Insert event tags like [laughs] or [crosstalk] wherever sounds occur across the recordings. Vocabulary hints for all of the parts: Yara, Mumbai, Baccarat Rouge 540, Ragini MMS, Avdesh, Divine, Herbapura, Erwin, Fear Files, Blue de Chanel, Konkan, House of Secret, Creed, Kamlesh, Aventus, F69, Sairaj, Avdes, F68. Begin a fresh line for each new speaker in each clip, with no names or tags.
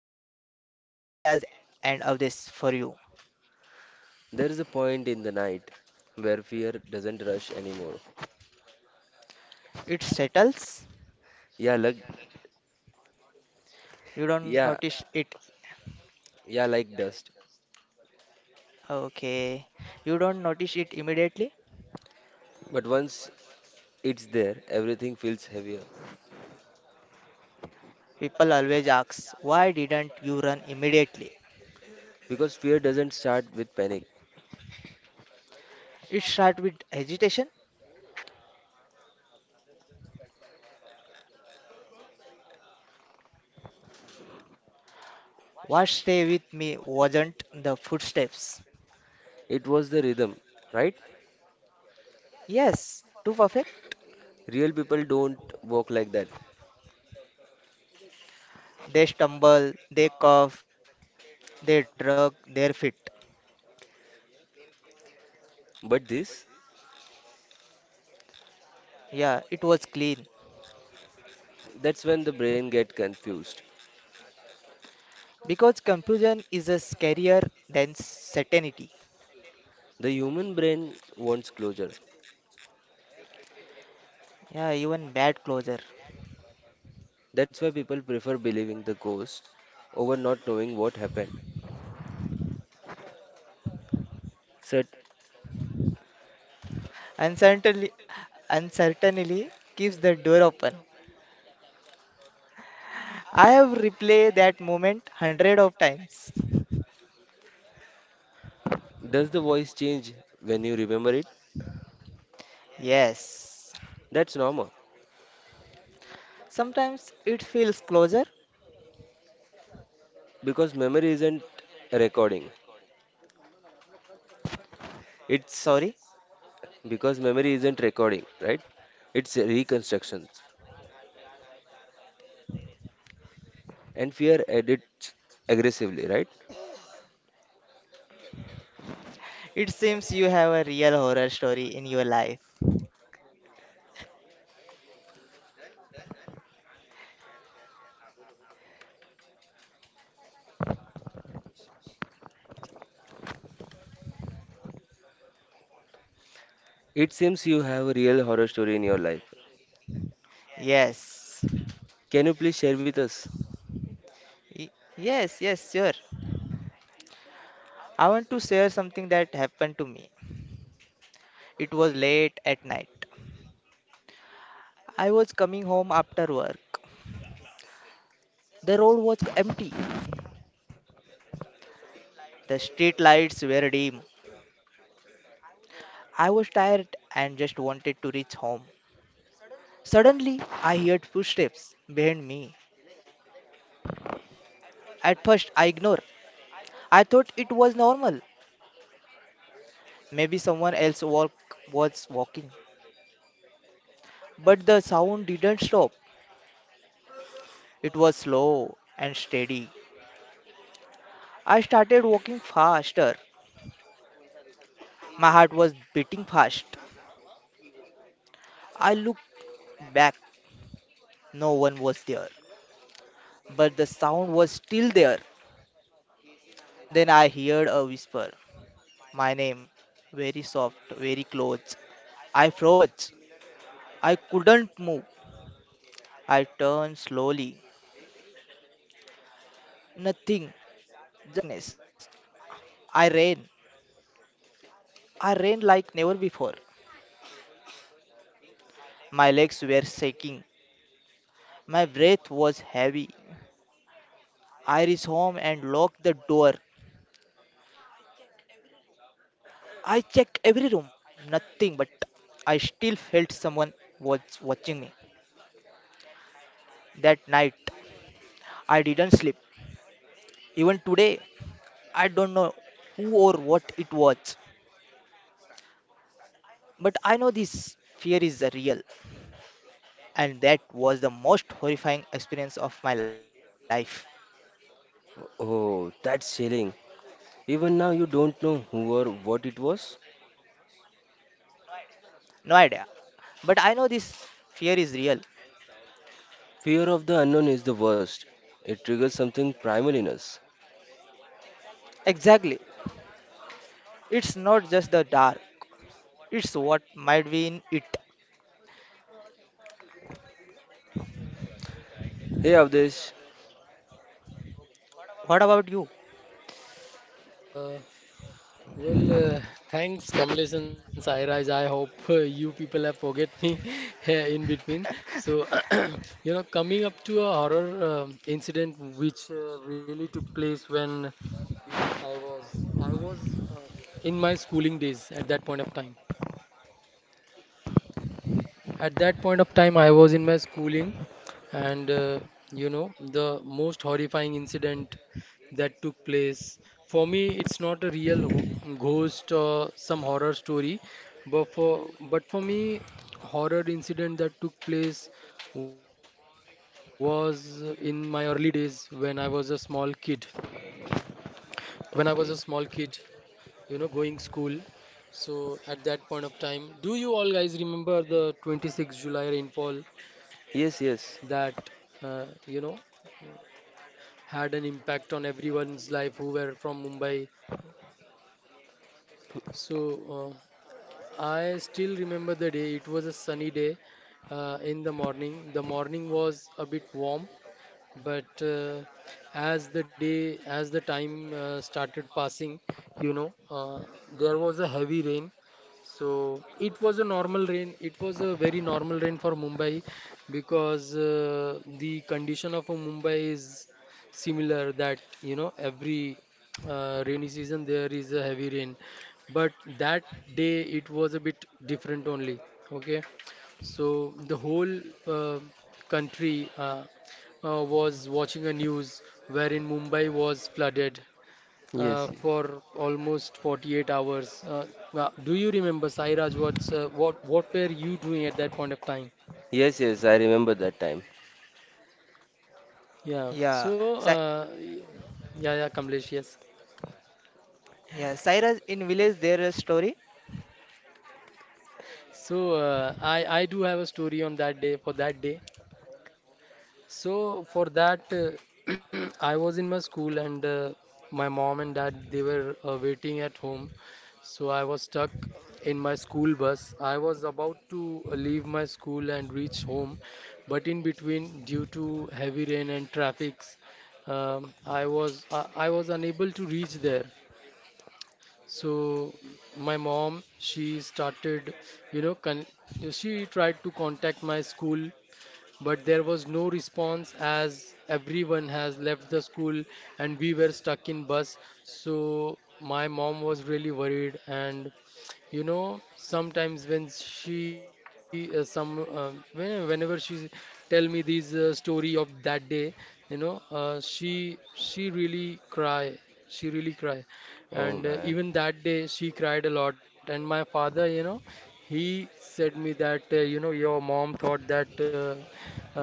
This is Kamlesh, Sairaj, and Avdes for you.
There is a point in the night where fear doesn't rush anymore.
It settles.
Yeah, like
You don't
yeah,
notice it.
yeah, like dust.
Okay. You don't notice it immediately.
But once it's there, everything feels heavier
People always ask, why didn't you run immediately?
because fear doesn't start with panic.
It starts with hesitation. What stay with me wasn't the footsteps.
It was the rhythm, right?
Yes, too perfect.
Real people don't walk like that.
They stumble, they cough, they drag their feet.
But this,
Yeah, it was clean.
that's when the brain get confused.
Because confusion is a scarier than certainty.
The human brain wants closure.
Yeah, even bad closure.
That's why people prefer believing the ghost over not knowing what happened. So,
Uncertainty, uncertainty keeps the door open. I have replayed that moment hundred of times.
does the voice change when you remember it?
Yes.
That's normal.
Sometimes it feels closer.
Because memory isn't recording. It's
Sorry.
because memory isn't recording, right? It's reconstructions. And fear edits aggressively, right?
It seems you have a real horror story in your life.
It seems you have a real horror story in your life.
Yes.
Can you please share with us?
Y- Yes, yes, sure. I want to share something that happened to me. It was late at night. I was coming home after work. The road was empty. The street lights were dim. I was tired and just wanted to reach home. Suddenly, I heard footsteps behind me. At first, I ignored. I thought it was normal. Maybe someone else walk was walking. But the sound didn't stop. It was slow and steady. I started walking faster. My heart was beating fast. I looked back. No one was there. But the sound was still there. Then I heard a whisper. My name, very soft, very close. I froze. I couldn't move. I turned slowly. Nothing, just darkness. I ran. I ran like never before. My legs were shaking. My breath was heavy. I reached home and locked the door. I checked every room. Nothing, but I still felt someone was watching me. That night, I didn't sleep. Even today, I don't know who or what it was. But I know this fear is real, and that was the most horrifying experience of my life.
Oh, that's chilling. Even now, you don't know who or what it was.
No idea. But I know this fear is real.
Fear of the unknown is the worst. It triggers something primal in us.
Exactly. It's not just the dark, it's what might be in it.
Hey, Avdesh.
What about you?
Uh, well, thanks, Kamlesh and Sairaj. I hope you people have forget me [laughs] in between. So, [clears throat] coming up to a horror incident which really took place when I was I was um in my schooling days at that point of time. At that point of time, I was in my schooling, and the most horrifying incident that took place for me, it's not a real ghost or some horror story, but for me, horror incident that took place was in my early days when I was a small kid. When I was a small kid,
Okay.
going school. So at that point of time, do you all guys remember the 26th July rainfall
Yes,
that
yes.
uh, you know had an impact on everyone's life who were from Mumbai? So uh, I still remember the day. It was a sunny day in the morning. The morning was a bit warm, but as the time started passing. you know uh, there was a heavy rain. So it was a normal rain. It was a very normal rain for Mumbai, because the condition of a Mumbai is similar that every rainy season there is a heavy rain. But that day it was a bit different only. Okay. So the whole uh, country was watching a news wherein Mumbai was flooded
Yes, yes.
for almost 48 hours. Do you remember, Sairaj, what were you doing at that point of time?
Yes, yes, I remember that time.
Yeah.
Yeah,
So
Sa-
yeah, yeah, Kamlesh, yes.
yeah, Saira's in village their story.
So I do have a story on that day for that day. So for that, [clears throat] I was in my school, and my mom and dad they were waiting at home. So I was stuck in my school bus. I was about to leave my school and reach home, but in between, due to heavy rain and traffics, I was unable to reach there. So my mom, she started, you know, con she tried to contact my school, but there was no response as everyone has left the school and we were stuck in bus. So my mom was really worried, and sometimes whenever she tell me these story of that day, she really cry, she really cry,
Oh
and
man.
even that day she cried a lot. And my father, you know, he said me that your mom thought uh,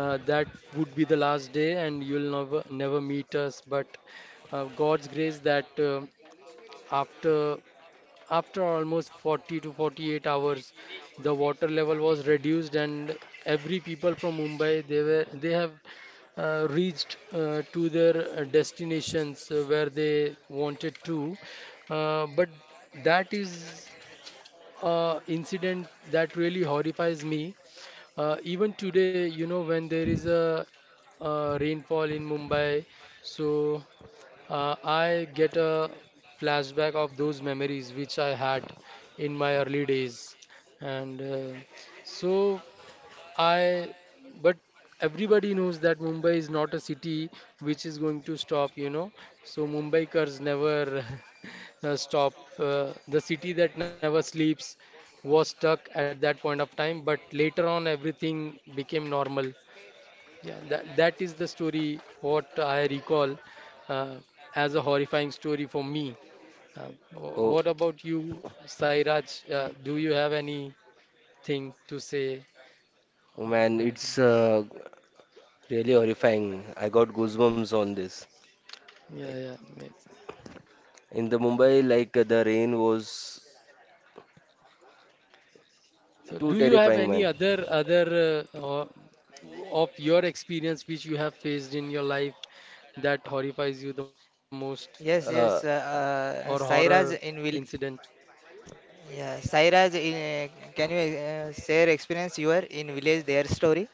that would be the last day and you'll never never meet us. But God's grace that after after almost 40 to 48 hours, the water level was reduced, and every people from Mumbai they have reached to their destinations where they wanted to. But that is a incident that really horrifies me. Even today, when there is a rainfall in Mumbai, so I get a flashback of those memories which I had in my early days, and so I. But everybody knows that Mumbai is not a city which is going to stop. So Mumbaikars never [laughs] stop. The city that never sleeps was stuck at that point of time, but later on everything became normal. Yeah, that is the story what I recall uh, as a horrifying story for me. Uh,
Oh.
what about you, Sairaj? Do you have anything to say
Oh,
or
man,
anything?
it's really horrifying. I got goosebumps on this. Like
Yeah, yeah.
in the Mumbai, like the rain was
So,
too
do you have
terrifying,
any
man.
other or of your experience which you have faced in your life that horrifies you the most
Yes,
Uh,
yes,
or horror
Saira's in vill.
incident?
Yeah, Saira's in. Can you share experience you are in village their story?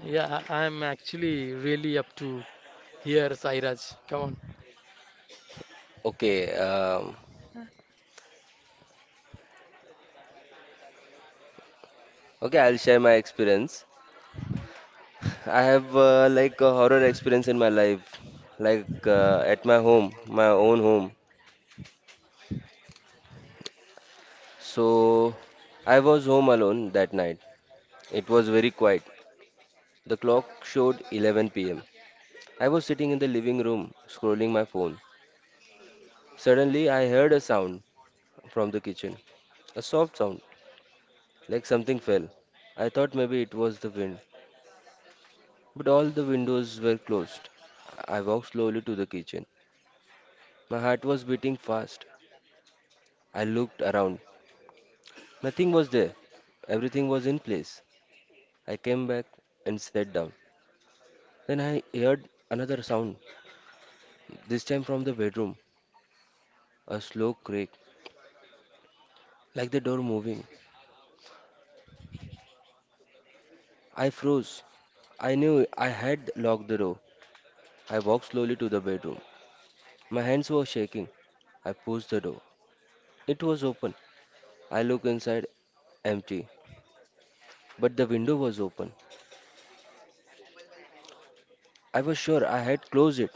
Yeah, I'm actually really up to here, Sairaj. Come on.
okay, um, okay, I'll share my experience. I have like a horror experience in my life, like at my home, my own home. So I was home alone that night. It was very quiet. The clock showed 11 p.m. I was sitting in the living room scrolling my phone. Suddenly, I heard a sound from the kitchen. A soft sound, like something fell. I thought maybe it was the wind, but all the windows were closed. I walked slowly to the kitchen. My heart was beating fast. I looked around. Nothing was there. Everything was in place. I came back and sat down. Then I heard another sound, this time from the bedroom, a slow creak, like the door moving. I froze. I knew I had locked the door. I walked slowly to the bedroom. My hands were shaking. I pushed the door. It was open. I looked inside, empty, but the window was open. I was sure I had closed it.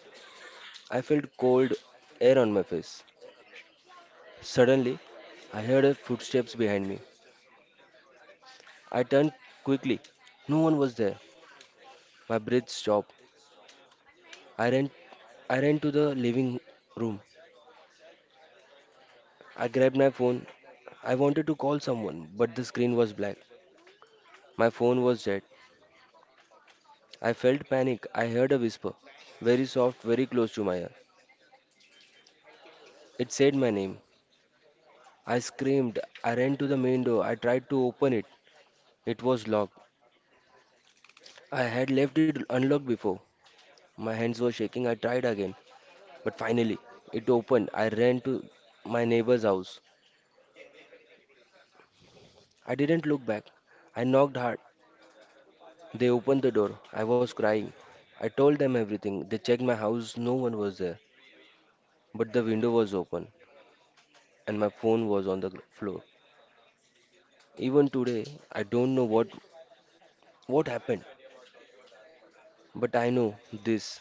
I felt cold air on my face. Suddenly, I heard a footsteps behind me. I turned quickly. No one was there. My breath stopped. I ran I ran to the living room. I grabbed my phone. I wanted to call someone, but the screen was black. My phone was dead. I felt panic. I heard a whisper, very soft, very close to my ear. It said my name. I screamed. I ran to the main door. I tried to open it. It was locked. I had left it unlocked before. My hands were shaking. I tried again. But finally, it opened. I ran to my neighbor's house. I didn't look back. I knocked hard. They opened the door. I was crying. I told them everything. They checked my house. No one was there. But the window was open and my phone was on the floor. Even today, I don't know what happened, but I know this.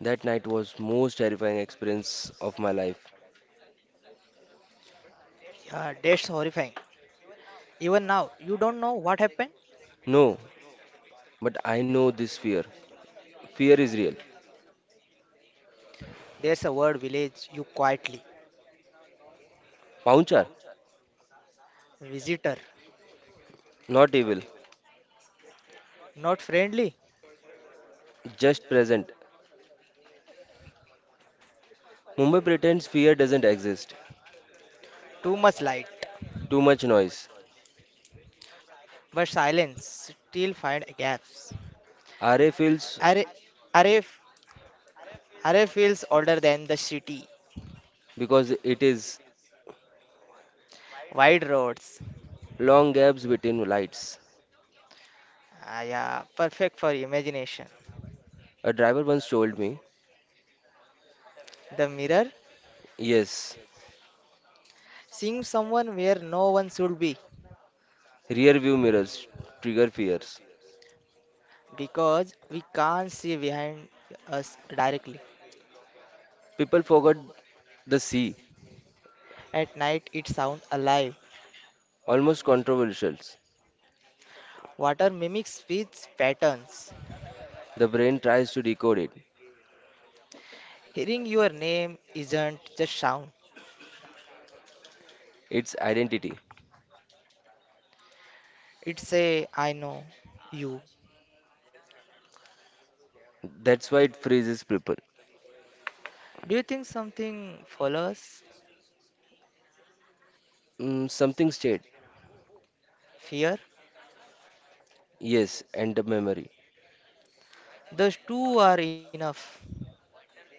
That night was most terrifying experience of my life.
Yeah, that's horrifying. Even now, you don't know what happened?
No, but I know this fear. Fear is real.
There's a word village you quietly.
Paunchar,
Visitor,
not evil,
not friendly,
just present. Mumbai pretends fear doesn't exist.
too much light,
Too much noise.
but silence still find gaps.
RA
Array,
feels
array, array feels older than the city.
because it is
Wide roads,
long gaps between lights.
ah, yeah, perfect for imagination.
A driver once told me,
The mirror,
yes,
seeing someone where no one should be,
rear view mirrors trigger fears.
because we can't see behind us directly.
People forgot the sea,
At night, it sounds alive.
almost controversial.
Water mimics speech patterns.
The brain tries to decode it,
Hearing your name isn't just sound,
its identity.
it's a I know you.
That's why it freezes people.
Do you think something follows
Mm, something stayed.
fear?
Yes, and the memory.
Those two are enough.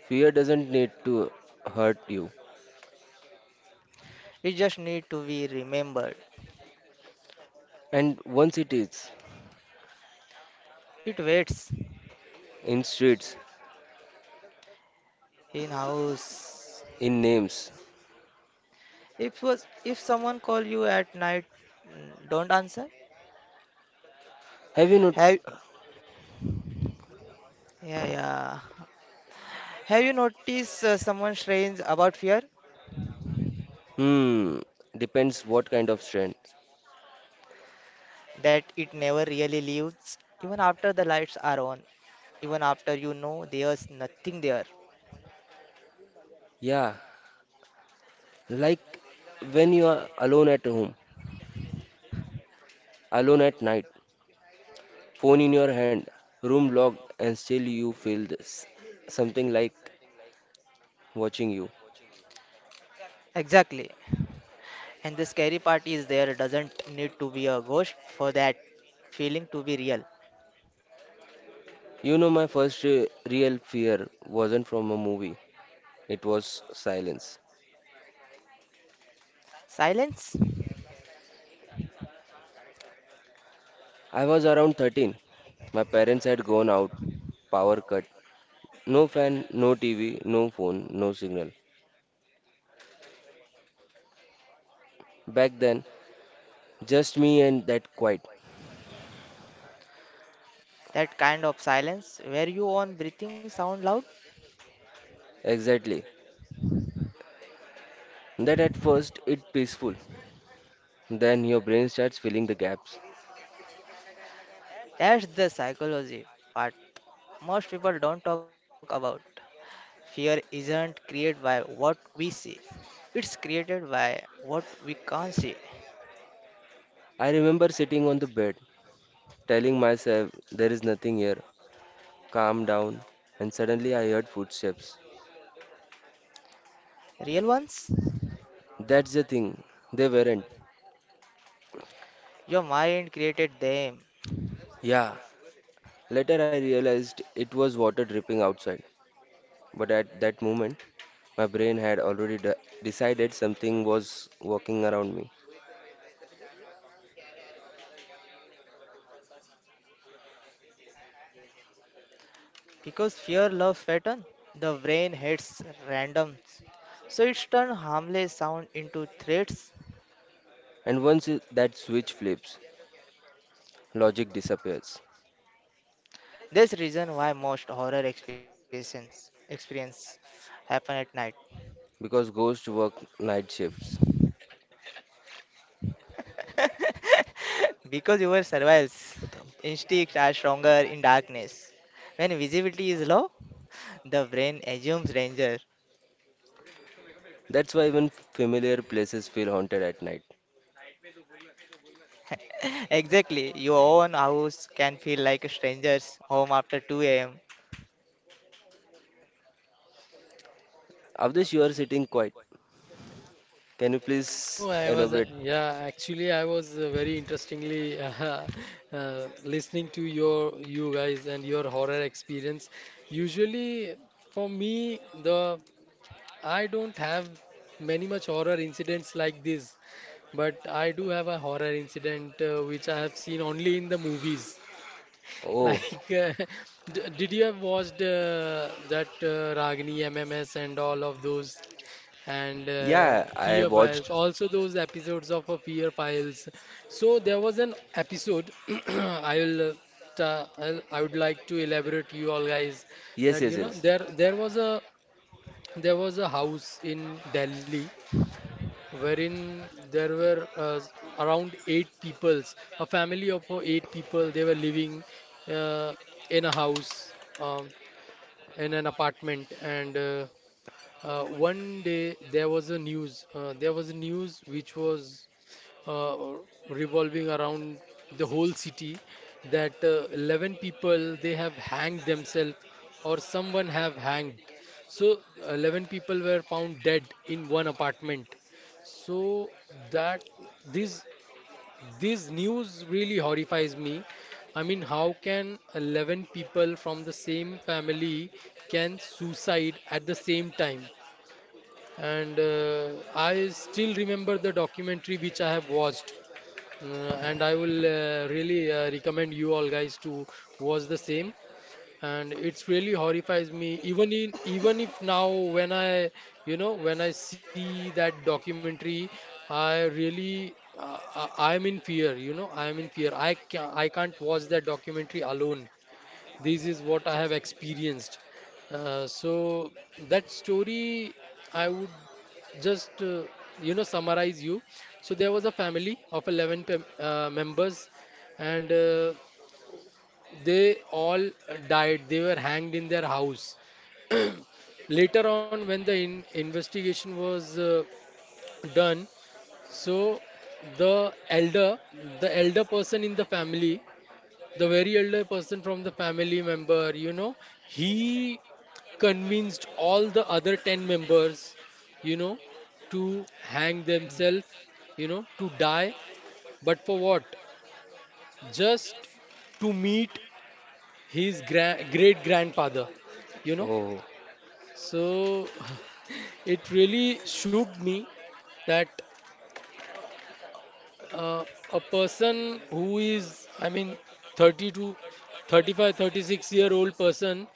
Fear doesn't need to hurt you.
We just need to be remembered.
And once it is,
It waits
in streets,
in house.
in names.
If was if someone call you at night, mm, don't answer.
Have you not?
Have yeah, yeah. Have you noticed someone strange about fear
Hmm, depends what kind of strength.
that it never really leaves even after the lights are on, even after you know there's nothing there.
Yeah, like when you are alone at home, alone at night, phone in your hand, room locked, and still you feel this. Something like watching you.
Exactly. And the scary part is there doesn't need to be a ghost for that feeling to be real.
You know, my first real fear wasn't from a movie, it was silence.
Silence,
I was around 13. My parents had gone out, power cut. No fan, no TV, no phone, no signal. Back then, just me and that quiet.
that kind of silence where you on breathing sound loud,
Exactly. That at first it peaceful. Then your brain starts filling the gaps.
that's the psychology part most people don't talk about. Fear isn't created by what we see. It's created by what we can't see.
I remember sitting on the bed, telling myself there is nothing here. Calm down. And suddenly I heard footsteps.
Real ones?
That's the thing. They weren't.
Your mind created them.
Yeah, later, I realized it was water dripping outside, but at that moment, my brain had already decided something was walking around me.
Because fear loves pattern, the brain hates randoms. So it's turned harmless sound into threats.
And once that switch flips, logic disappears
There's reason why most horror experiences experience happen at night.
because ghosts work night shifts.
[laughs] Because your survival instincts are stronger in darkness. When visibility is low, the brain assumes danger.
That's why even familiar places feel haunted at night.
[laughs] Exactly, your own house can feel like a stranger's home after 2 a.m.
Avdesh, you are sitting quiet. Can you
No,
please
I was,
elaborate?
yeah, actually, I was very interestingly [laughs] listening to you guys and your horror experience. Usually, for me, the I don't have many much horror incidents like this, but I do have a horror incident which I have seen only in the movies.
Oh,
Like, [laughs] did you have watched that Ragini MMS and all of those? And
yeah, I
Fear Files.
watched.
Also, those episodes of Fear Files. So there was an episode. [clears throat] I will. Ta- I'll- I would like to elaborate you all guys
Yes,
that
yes, yes.
there was a house in Delhi wherein there were around eight peoples, a family of eight people they were living uh, in a house, um, in an apartment, and one day there was a news. There was a news which was uh, revolving around the whole city that 11 people they have hanged themselves, or someone have hanged. So 11 people were found dead in one apartment. So that this this news really horrifies me. I mean, how can 11 people from the same family can suicide at the same time? And I still remember the documentary which I have watched, uh, and I will really recommend you all guys to watch the same. And it's really horrifies me, even if now when I you know when I see that documentary, I really uh, I am in fear. I am in fear. I can't watch that documentary alone. This is what I have experienced. So that story I would just summarize you. So there was a family of 11 members, and they all died. They were hanged in their house. [clears throat] Later on, when the investigation was done, so the elder, the elder person in the family, the very elder person from the family member, he convinced all the other 10 members, you know, to hang themselves, to die. But for what? Just to meet his great grandfather, you know.
Oh,
So [laughs] it really shook me that uh, a person who is, I mean, 30 to 35, 36-year old person,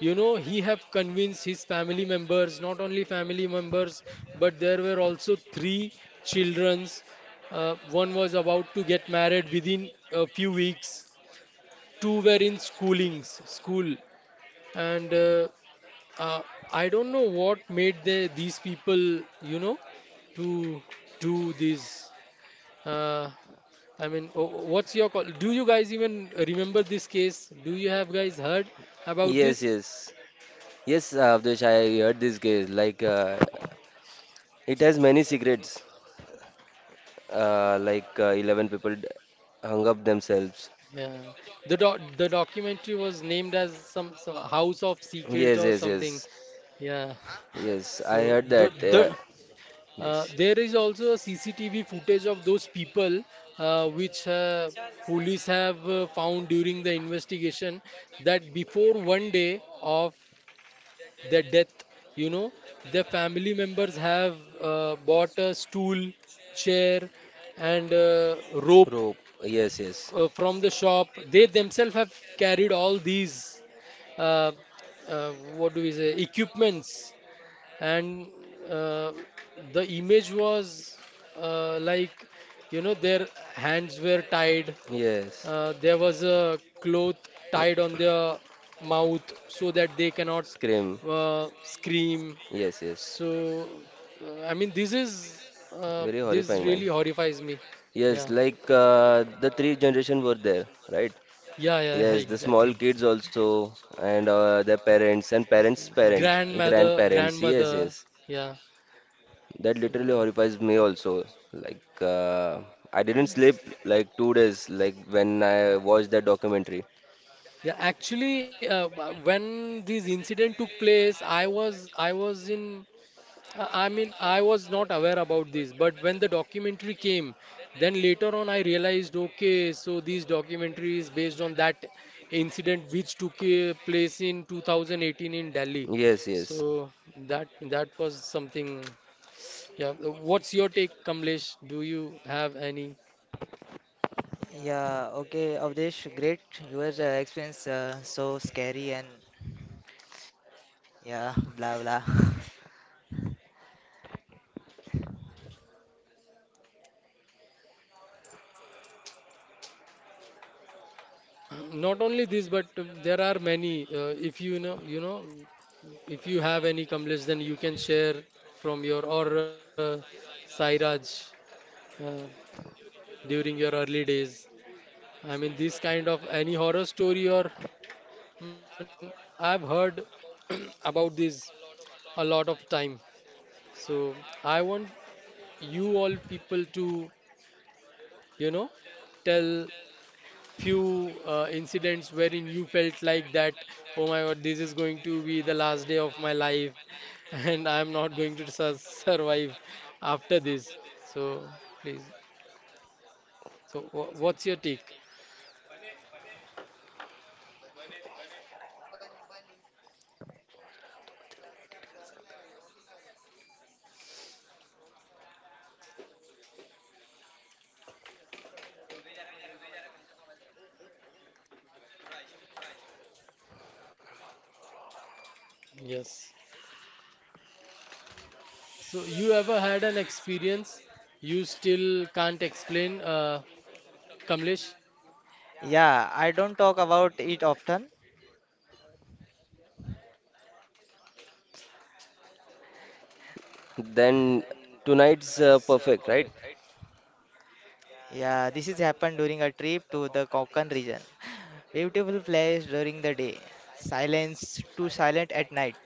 he have convinced his family members, not only family members, but there were also three childrens. One was about to get married within a few weeks. Two were in schoolings, school, and uh, I don't know what made these people, to do this. Uh, I mean, what's your call? Do you guys even remember this case? Do you have guys heard about
yes,
this?
yes. Yes, Avdesh, I heard this case. Like, it has many secrets, like 11 people hung up themselves.
Yeah, the documentary was named as some House of
Yes,
Secret or
yes, yes.
something. Yeah.
Yes, I heard
So
that. Yeah. Yes.
there is also a CCTV footage of those people which police have found during the investigation that before one day of their death, you know, their family members have bought a stool, chair, and rope
Rope. Yes, yes.
from the shop. They themselves have carried all these, uh, what do we say, equipments, and uh, the image was like, their hands were tied,
Yes.
there was a cloth tied on their mouth so that they cannot
Scream.
scream.
Yes, yes.
So I mean
Very
this
horrifying, man.
really horrifies me.
Yes,
Yeah,
like the three generation were there, right?
yeah, yeah, yeah,
Yes, the small
exactly.
kids also, and their parents, and parents' parents,
Grandmother,
grandparents. Yes,
grandmother,
yes.
yeah. So,
That literally horrifies me also. Like, I didn't sleep like 2 days, like when I watched that documentary.
yeah, actually, when this incident took place, I mean I was not aware about this, but when the documentary came, then later on I realized okay, so this documentary is based on that incident which took place in 2018 in Delhi.
Yes, yes.
So that that was something. Yeah, what's your take, Kamlesh? Do you have any?
Yeah, okay, Avdesh, great. Your experience so scary and yeah, blah blah. [laughs]
[clears throat] Not only this, but there are many. If you know, you know. If you have any Kamlesh, then you can share from your or Sairaj uh, during your early days. I mean, this kind of any horror story, or I mean, I've heard [clears throat] about this a lot of time. So I want you all people to you know tell few incidents wherein you felt like that, oh my God, this is going to be the last day of my life, [laughs] and I'm not going to survive after this. So please, what's your take? Yes. So you ever had an experience you still can't explain, Kamlesh?
Yeah, I don't talk about it often.
Then tonight's perfect, right?
Yeah, this is happened during a trip to the Konkan region. Beautiful place during the day, silence too silent at night.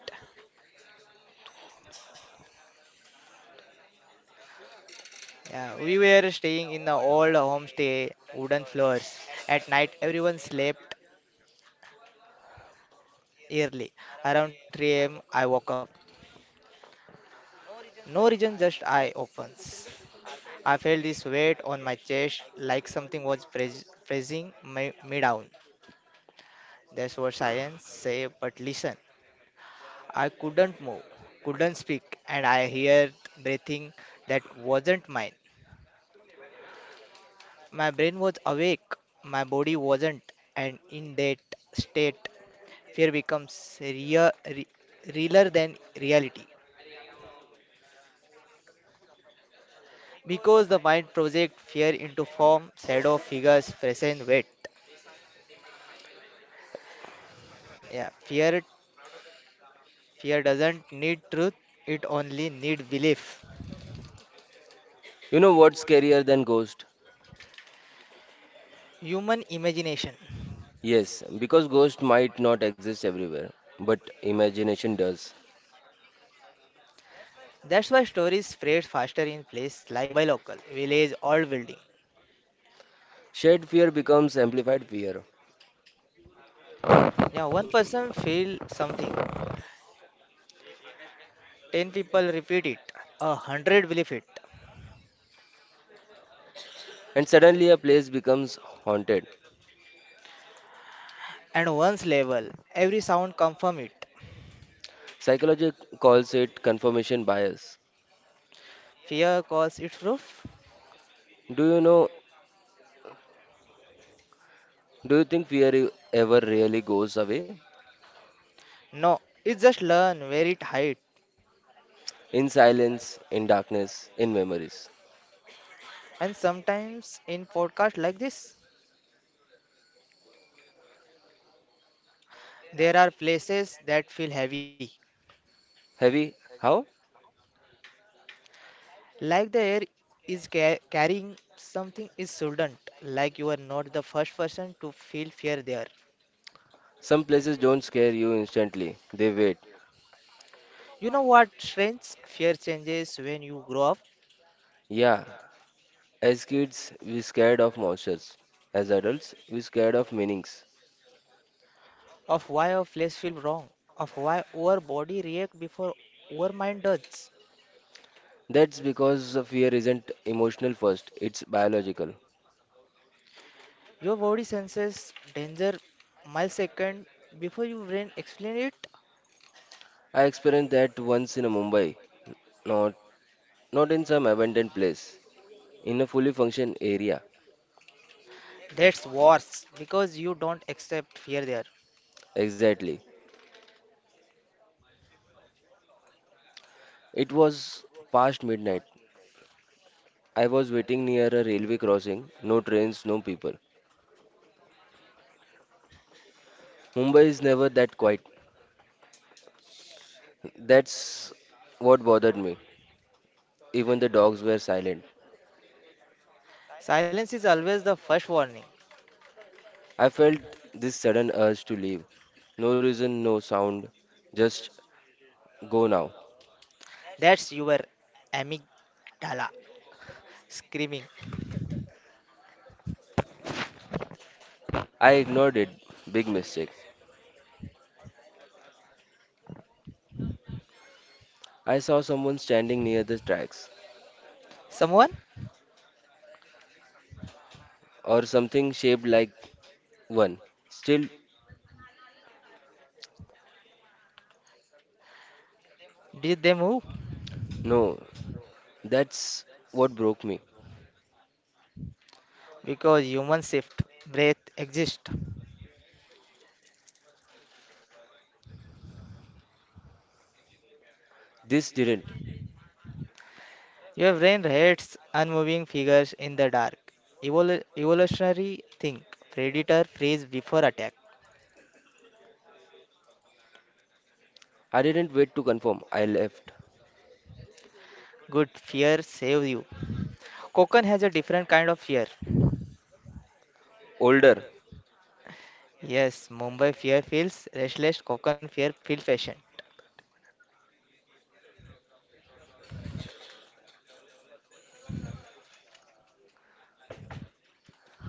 Yeah, we were staying in the old homestay, wooden floors. At night, everyone slept early. Around 3 a.m., I woke up. No reason, just eye opens. I felt this weight on my chest, like something was pressing me down. That's what science say, but listen. I couldn't move, couldn't speak, and I heard breathing that wasn't mine. My brain was awake, my body wasn't, and in that state, fear becomes real, realer than reality because the mind projects fear into form, shadow, figures, present weight. Yeah, fear doesn't need truth; it only need belief.
You know what's scarier than ghost?
Human imagination.
Yes, because ghost might not exist everywhere, but imagination does.
That's why stories spread faster in places like Mumbai local, village, old building.
Shared fear becomes amplified fear,
Yeah, one person feel something, 10 people repeat it, 100 believe it,
and suddenly a place becomes haunted.
and one's level, every sound confirm it.
Psychology calls it confirmation bias.
Fear calls it proof.
Do you know, do you think fear ever really goes away?
No, it's just learn where it hide.
In silence, in darkness, in memories.
And sometimes in podcasts like this, there are places that feel heavy,
Heavy, how?
like the air is carrying something is shouldn't. Like you are not the first person to feel fear there.
Some places don't scare you instantly, they wait.
You know what? Strange fear changes when you grow up.
Yeah, as kids, we scared of monsters. As adults, we scared of meanings.
Of why our flesh feels wrong, of why our body reacts before our mind does.
That's because the fear isn't emotional first, it's biological.
Your body senses danger millisecond before your brain explain it.
I experienced that once in a Mumbai, not not in some abandoned place, in a fully functioned area.
That's worse because you don't accept fear there.
Exactly. It was past midnight. I was waiting near a railway crossing, no trains, no people. Mumbai is never that quiet. That's what bothered me. Even the dogs were silent.
Silence is always the first warning.
I felt this sudden urge to leave. No reason, no sound. Just go now.
That's your amygdala screaming.
I ignored it. Big mistake. I saw someone standing near the tracks
Someone
or something shaped like one. Still,
did they move?
no. That's what broke me.
Because humans shift, breath exist.
This didn't.
Your brain hates unmoving figures in the dark. Evolutionary think. Predator freeze before attack.
I didn't wait to confirm. I left.
Good fear save you. Kokon has a different kind of fear.
Older.
Yes, Mumbai fear feels restless. Kokon fear feel patient.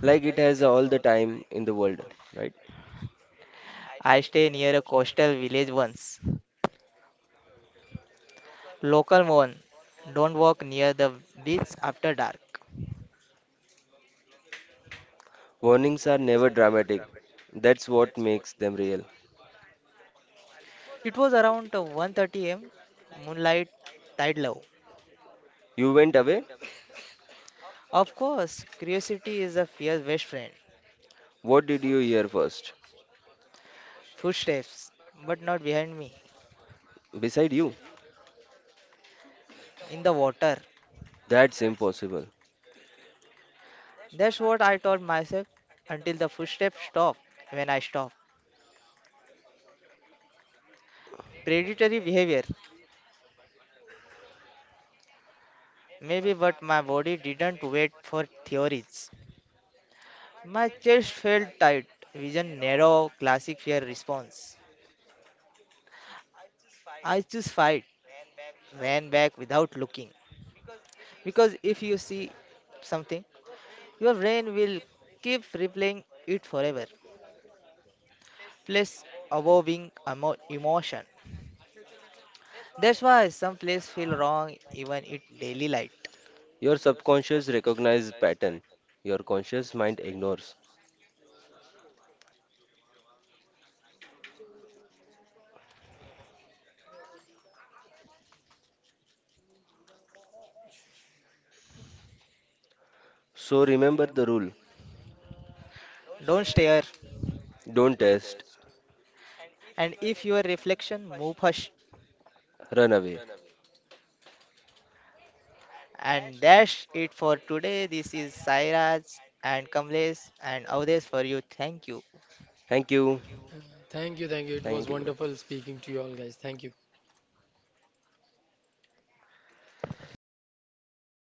Like it has all the time in the world, right?
I stay near a coastal village once. Local one. Don't walk near the beach after dark.
Warnings are never dramatic. That's what makes them real.
It was around 1:30 a.m. Moonlight, tide low.
You went away?
Of course, curiosity is a fear's best friend.
What did you hear first?
Footsteps, but not behind me,
Beside you?
in the water.
That's impossible.
That's what I told myself until the footsteps stopped when I stopped. Predatory behavior, maybe, but my body didn't wait for theories. My chest felt tight, vision narrow, classic fear response. I just fight, ran back without looking. Because if you see something, your brain will keep replaying it forever. Place above being emotion. That's why some plays feel wrong even in daily light.
Your subconscious recognizes pattern. Your conscious mind ignores. So remember the rule.
Don't stare.
Don't test.
And if your reflection, move hush.
Run away.
And that's it for today. This is Sairaj and Kamlesh and Avdesh for you. Thank you.
Thank you.
Uh, Thank you, thank you. It
Thank
was
you.
wonderful
Bye.
speaking to you all, guys. Thank you.
[laughs]